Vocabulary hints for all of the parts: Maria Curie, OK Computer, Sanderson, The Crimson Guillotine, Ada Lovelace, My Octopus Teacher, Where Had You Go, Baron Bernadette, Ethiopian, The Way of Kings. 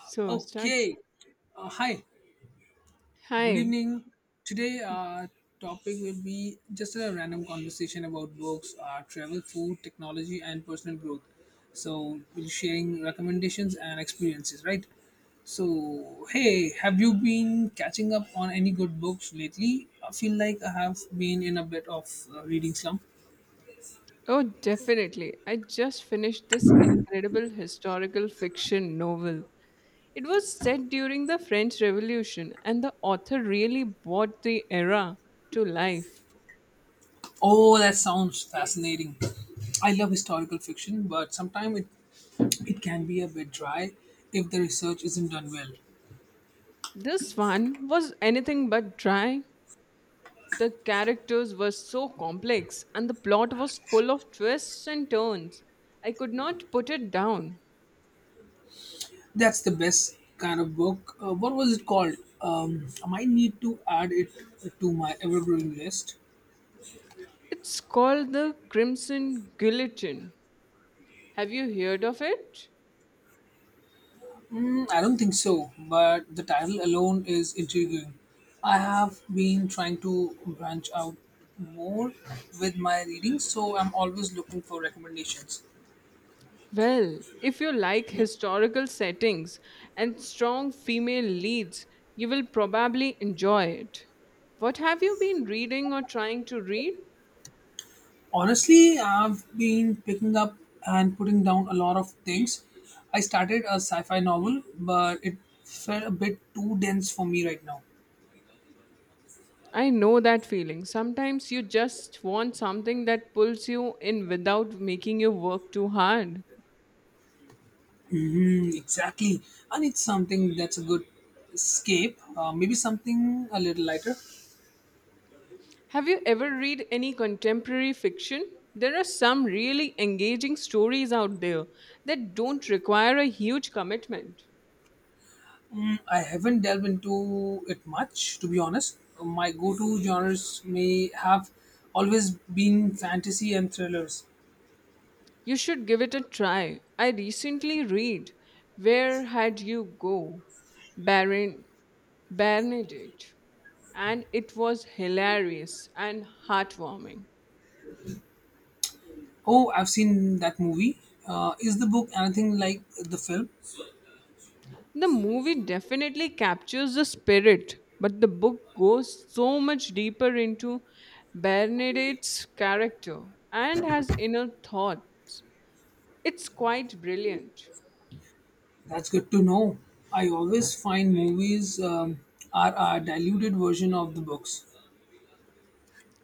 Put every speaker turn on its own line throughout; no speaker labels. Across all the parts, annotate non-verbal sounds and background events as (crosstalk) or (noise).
So, start.
Okay. Hi. Good
Hi.
evening. Today, our topic will be just a random conversation about books, travel, food, technology, and personal growth. So, we'll be sharing recommendations and experiences, right? So, hey, have you been catching up on any good books lately? I feel like I have been in a bit of reading slump.
Oh, definitely. I just finished this incredible historical fiction novel. It was set during the French Revolution, and the author really brought the era to life.
Oh, that sounds fascinating. I love historical fiction, but sometimes it can be a bit dry if the research isn't done well.
This one was anything but dry. The characters were so complex, and the plot was full of twists and turns. I could not put it down.
That's the best kind of book. What was it called? I might need to add it to my ever growing list.
It's called The Crimson Guillotine. Have you heard of it?
I don't think so, but the title alone is intriguing. I have been trying to branch out more with my reading, so I'm always looking for recommendations.
Well, if you like historical settings and strong female leads, you will probably enjoy it. What have you been reading or trying to read?
Honestly, I've been picking up and putting down a lot of things. I started a sci fi novel, but it felt a bit too dense for me right now.
I know that feeling. Sometimes you just want something that pulls you in without making you work too hard.
Exactly. I need something that's a good escape, maybe something a little lighter.
Have you ever read any contemporary fiction? There are some really engaging stories out there that don't require a huge commitment.
I haven't delved into it much, to be honest. My go to genres may have always been fantasy and thrillers.
You should give it a try. I recently read Where Had You Go, Baron Bernadette, and it was hilarious and heartwarming.
Oh, I've seen that movie. Is the book anything like the film?
The movie definitely captures the spirit, but the book goes so much deeper into Bernadette's character and has inner thoughts. It's quite brilliant.
That's good to know. I always find movies are a diluted version of the books.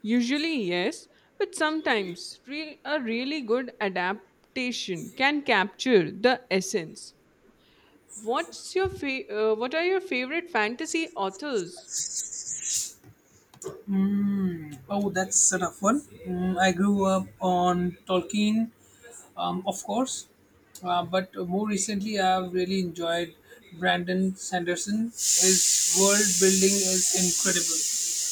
Usually, yes, but sometimes a really good adaptation can capture the essence. What's your what are your favorite fantasy authors?
Mm. Oh, that's a tough one. I grew up on Tolkien, of course, but more recently I've really enjoyed Brandon Sanderson. His world building is incredible.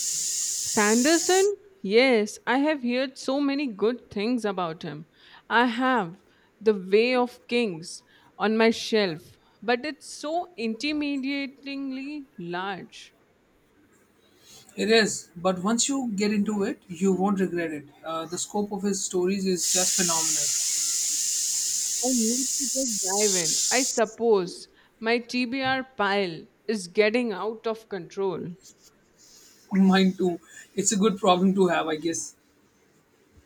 Sanderson? Yes, I have heard so many good things about him. I have The Way of Kings on my shelf, but it's so intimidatingly large.
It is, but once you get into it, you won't regret it. The scope of his stories is just phenomenal.
I need to just dive in. I suppose my TBR pile is getting out of control.
Mine too. It's a good problem to have, I guess.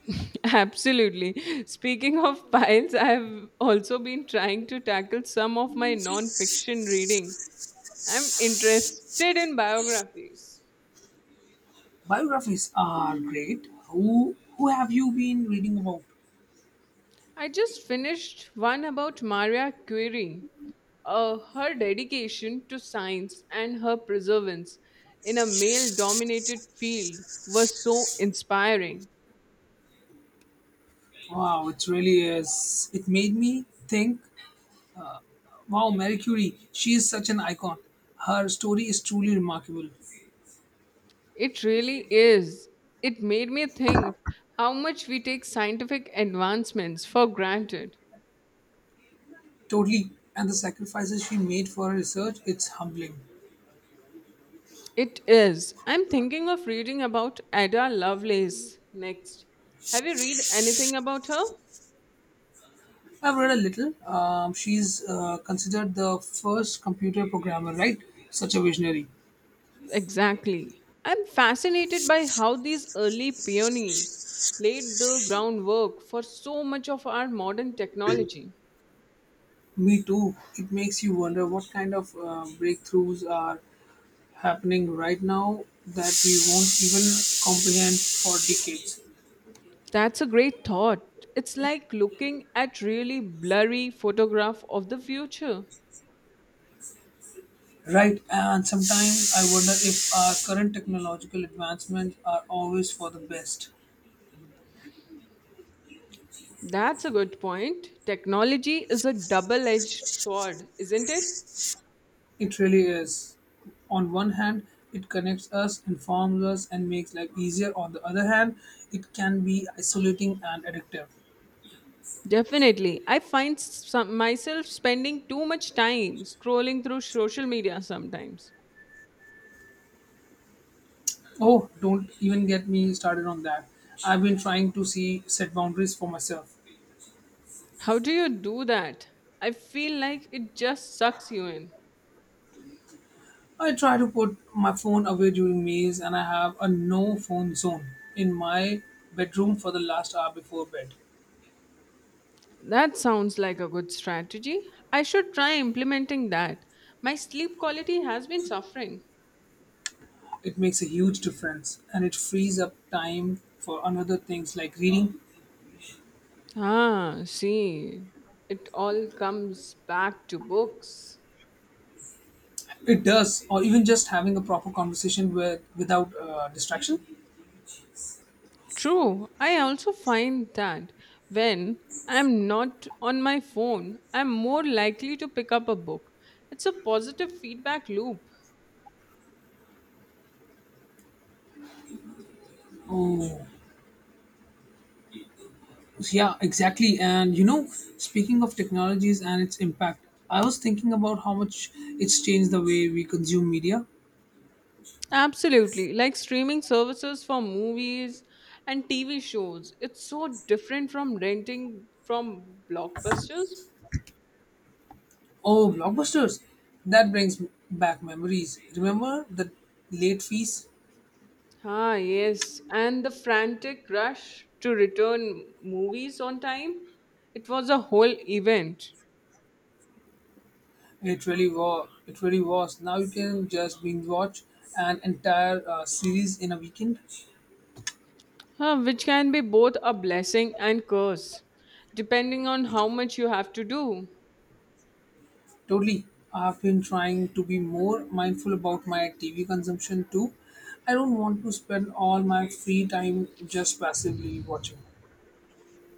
(laughs) Absolutely. Speaking of piles, I have also been trying to tackle some of my non fiction reading. I'm interested in biographies.
Biographies are great. Who have you been reading about?
I just finished one about Maria Curie. Her dedication to science and her perseverance in a male dominated field was so inspiring.
Wow, it really is. It made me think. Wow, Marie Curie, she is such an icon. Her story is truly remarkable.
It really is. It made me think how much we take scientific advancements for granted.
Totally, and the sacrifices she made for her research, it's humbling.
It is. I'm thinking of reading about Ada Lovelace next. Have you read anything about her?
I've read a little. She's considered the first computer programmer, right? Such a visionary.
Exactly. I'm fascinated by how these early pioneers laid the groundwork for so much of our modern technology.
Me too. It makes you wonder what kind of breakthroughs are happening right now that we won't even comprehend for decades.
That's a great thought. It's like looking at really blurry photograph of the future.
Right, and sometimes I wonder if our current technological advancements are always for the best.
That's a good point. Technology is a double edged sword, isn't it?
It really is. On one hand, it connects us, informs us, and makes life easier. On the other hand, it can be isolating and addictive.
Definitely. I find some, myself spending too much time scrolling through social media sometimes.
Oh, don't even get me started on that. I've been trying to see set boundaries for myself.
How do you do that? I feel like it just sucks you in.
I try to put my phone away during meals and I have a no phone zone in my bedroom for the last hour before bed.
That sounds like a good strategy. I should try implementing that. My sleep quality has been suffering.
It makes a huge difference and it frees up time for another things like reading.
Ah, see, it all comes back to books.
It does, or even just having a proper conversation with without distraction.
True, I also find that when I'm not on my phone, I'm more likely to pick up a book. It's a positive feedback loop.
Oh, yeah, exactly. Speaking of technologies and its impact, I was thinking about how much it's changed the way we consume media.
Absolutely, like streaming services for movies and TV shows. It's so different from renting from blockbusters.
Oh, blockbusters! That brings back memories. Remember the late fees?
Ah, yes, and the frantic rush to return movies on time. It was a whole event.
It really was. It really was. Now you can just binge watch an entire series in a weekend.
Huh, which can be both a blessing and curse, depending on how much you have to do.
Totally. I've been trying to be more mindful about my TV consumption too. I don't want to spend all my free time just passively watching.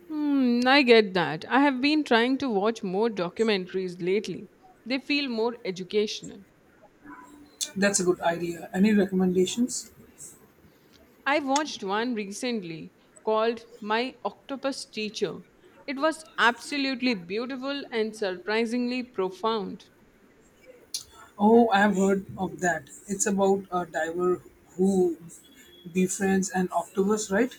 Hmm, I get that. I have been trying to watch more documentaries lately. They feel more educational.
That's a good idea. Any recommendations?
I watched one recently called My Octopus Teacher. It was absolutely beautiful and surprisingly profound.
Oh, I've heard of that. It's about a diver who befriends an octopus, right?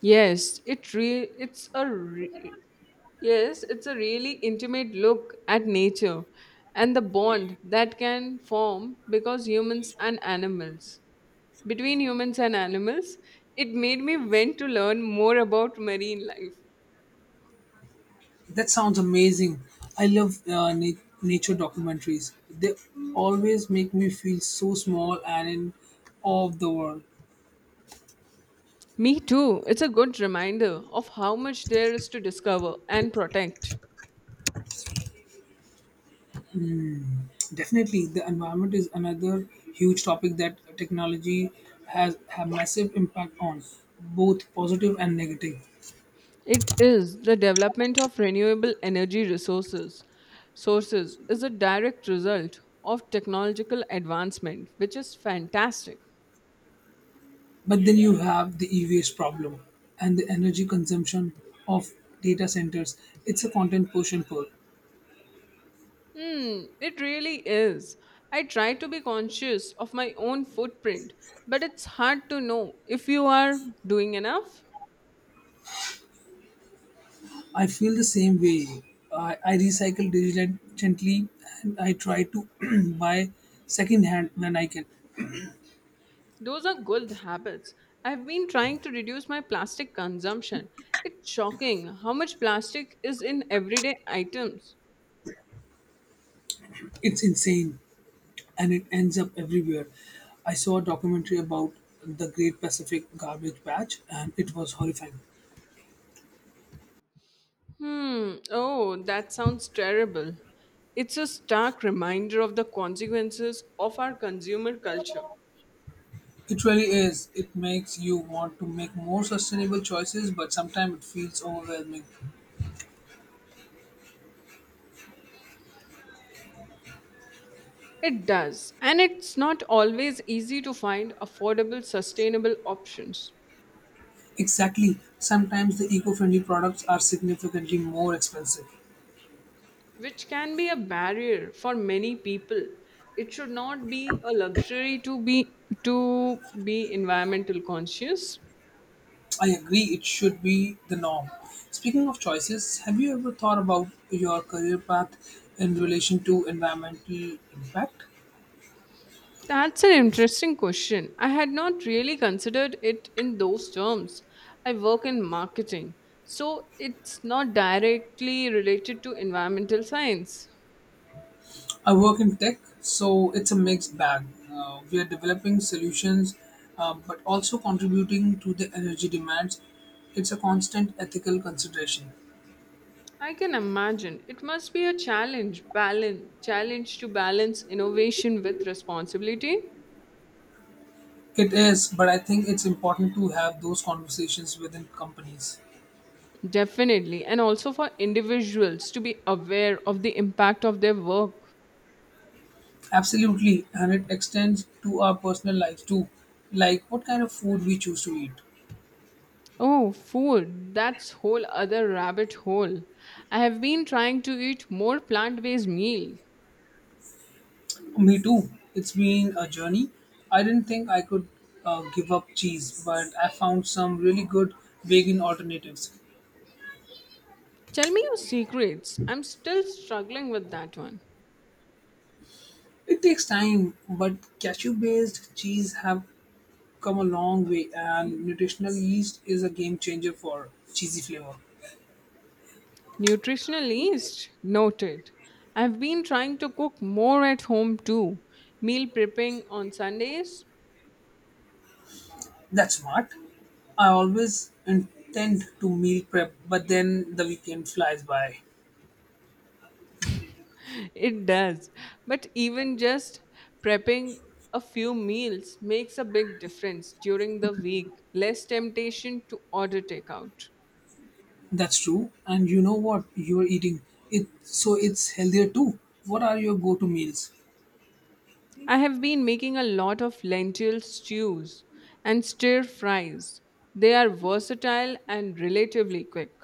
Yes, it re- it's a re- yes, it's a really intimate look at nature and the bond that can form because humans and animals. Between humans and animals, it made me want to learn more about marine life.
That sounds amazing. I love nature documentaries. They always make me feel so small and in awe of the world.
Me too. It's a good reminder of how much there is to discover and protect.
Definitely, the environment is another huge topic that technology has a massive impact on, both positive and negative.
It is the development of renewable energy resources. Sources is a direct result of technological advancement, which is fantastic.
But then you have the e-waste problem and the energy consumption of data centers. It's a content push and pull.
Hmm, it really is. I try to be conscious of my own footprint, but it's hard to know if you are doing enough.
I feel the same way. I recycle diligently and I try to (clears throat) buy secondhand when I can.
Those are good habits. I've been trying to reduce my plastic consumption. It's shocking how much plastic is in everyday items.
It's insane and it ends up everywhere. I saw a documentary about the Great Pacific Garbage Patch and it was horrifying.
Hmm. Oh, that sounds terrible. It's a stark reminder of the consequences of our consumer culture.
It really is. It makes you want to make more sustainable choices, but sometimes it feels overwhelming.
It does. And it's not always easy to find affordable, sustainable options,
Exactly. Sometimes the eco friendly products are significantly more expensive.
which can be a barrier for many people. It should not be a luxury to be environmental conscious.
I agree, it should be the norm. Speaking of choices, have you ever thought about your career path in relation to environmental impact?
That's an interesting question. I had not really considered it in those terms. I work in marketing, so it's not directly related to environmental science.
I work in tech, so it's a mixed bag. We are developing solutions but also contributing to the energy demands. It's a constant ethical consideration.
I can imagine it must be a challenge to balance innovation with responsibility.
It is, but I think it's important to have those conversations within companies.
Definitely, and also for individuals to be aware of the impact of their work.
Absolutely, and it extends to our personal lives too, like what kind of food we choose to eat.
Oh, food. That's whole other rabbit hole. I have been trying to eat more plant-based meal.
Me too. It's been a journey. I didn't think I could give up cheese, but I found some really good vegan alternatives.
Tell me your secrets. I'm still struggling with that one.
It takes time, but cashew-based cheese have come a long way, and nutritional yeast is a game changer for cheesy flavor.
Nutritionalist noted. I've been trying to cook more at home too. Meal prepping on Sundays?
That's smart. I always intend to meal prep, but then the weekend flies by.
It does. But even just prepping a few meals makes a big difference during the week. Less temptation to order takeout.
That's true. And you know what you're eating. It so it's healthier too. What are your go-to meals?
I have been making a lot of lentil stews and stir fries. They are versatile and relatively quick.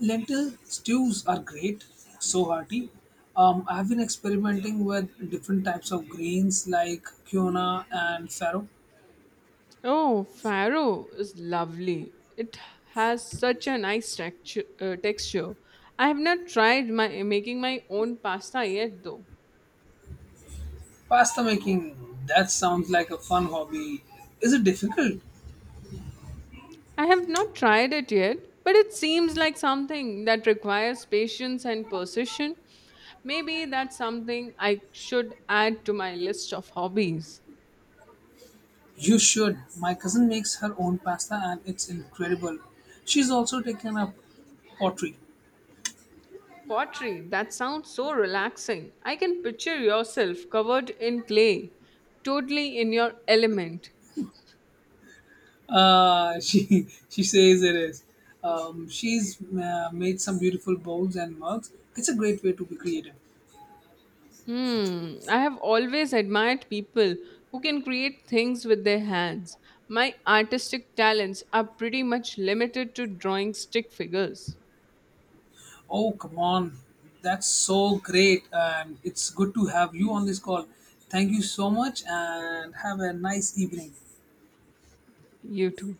Lentil stews are great, so hearty. I've been experimenting with different types of grains like quinoa and farro.
Oh, farro is lovely. It has such a nice texture. I have not tried my making my own pasta yet though.
Pasta making, that sounds like a fun hobby. Is it difficult?
I have not tried it yet, but it seems like something that requires patience and precision. Maybe that's something I should add to my list of hobbies.
You should. My cousin makes her own pasta and it's incredible. She's also taken up pottery.
Pottery, that sounds so relaxing. I can picture yourself covered in clay, totally in your element.
She (laughs) she says it is. She's made some beautiful bowls and mugs. It's a great way to be creative.
Hmm, I have always admired people who can create things with their hands. My artistic talents are pretty much limited to drawing stick figures.
Oh come on, that's so great, and it's good to have you on this call. Thank you so much, and have a nice evening.
You too.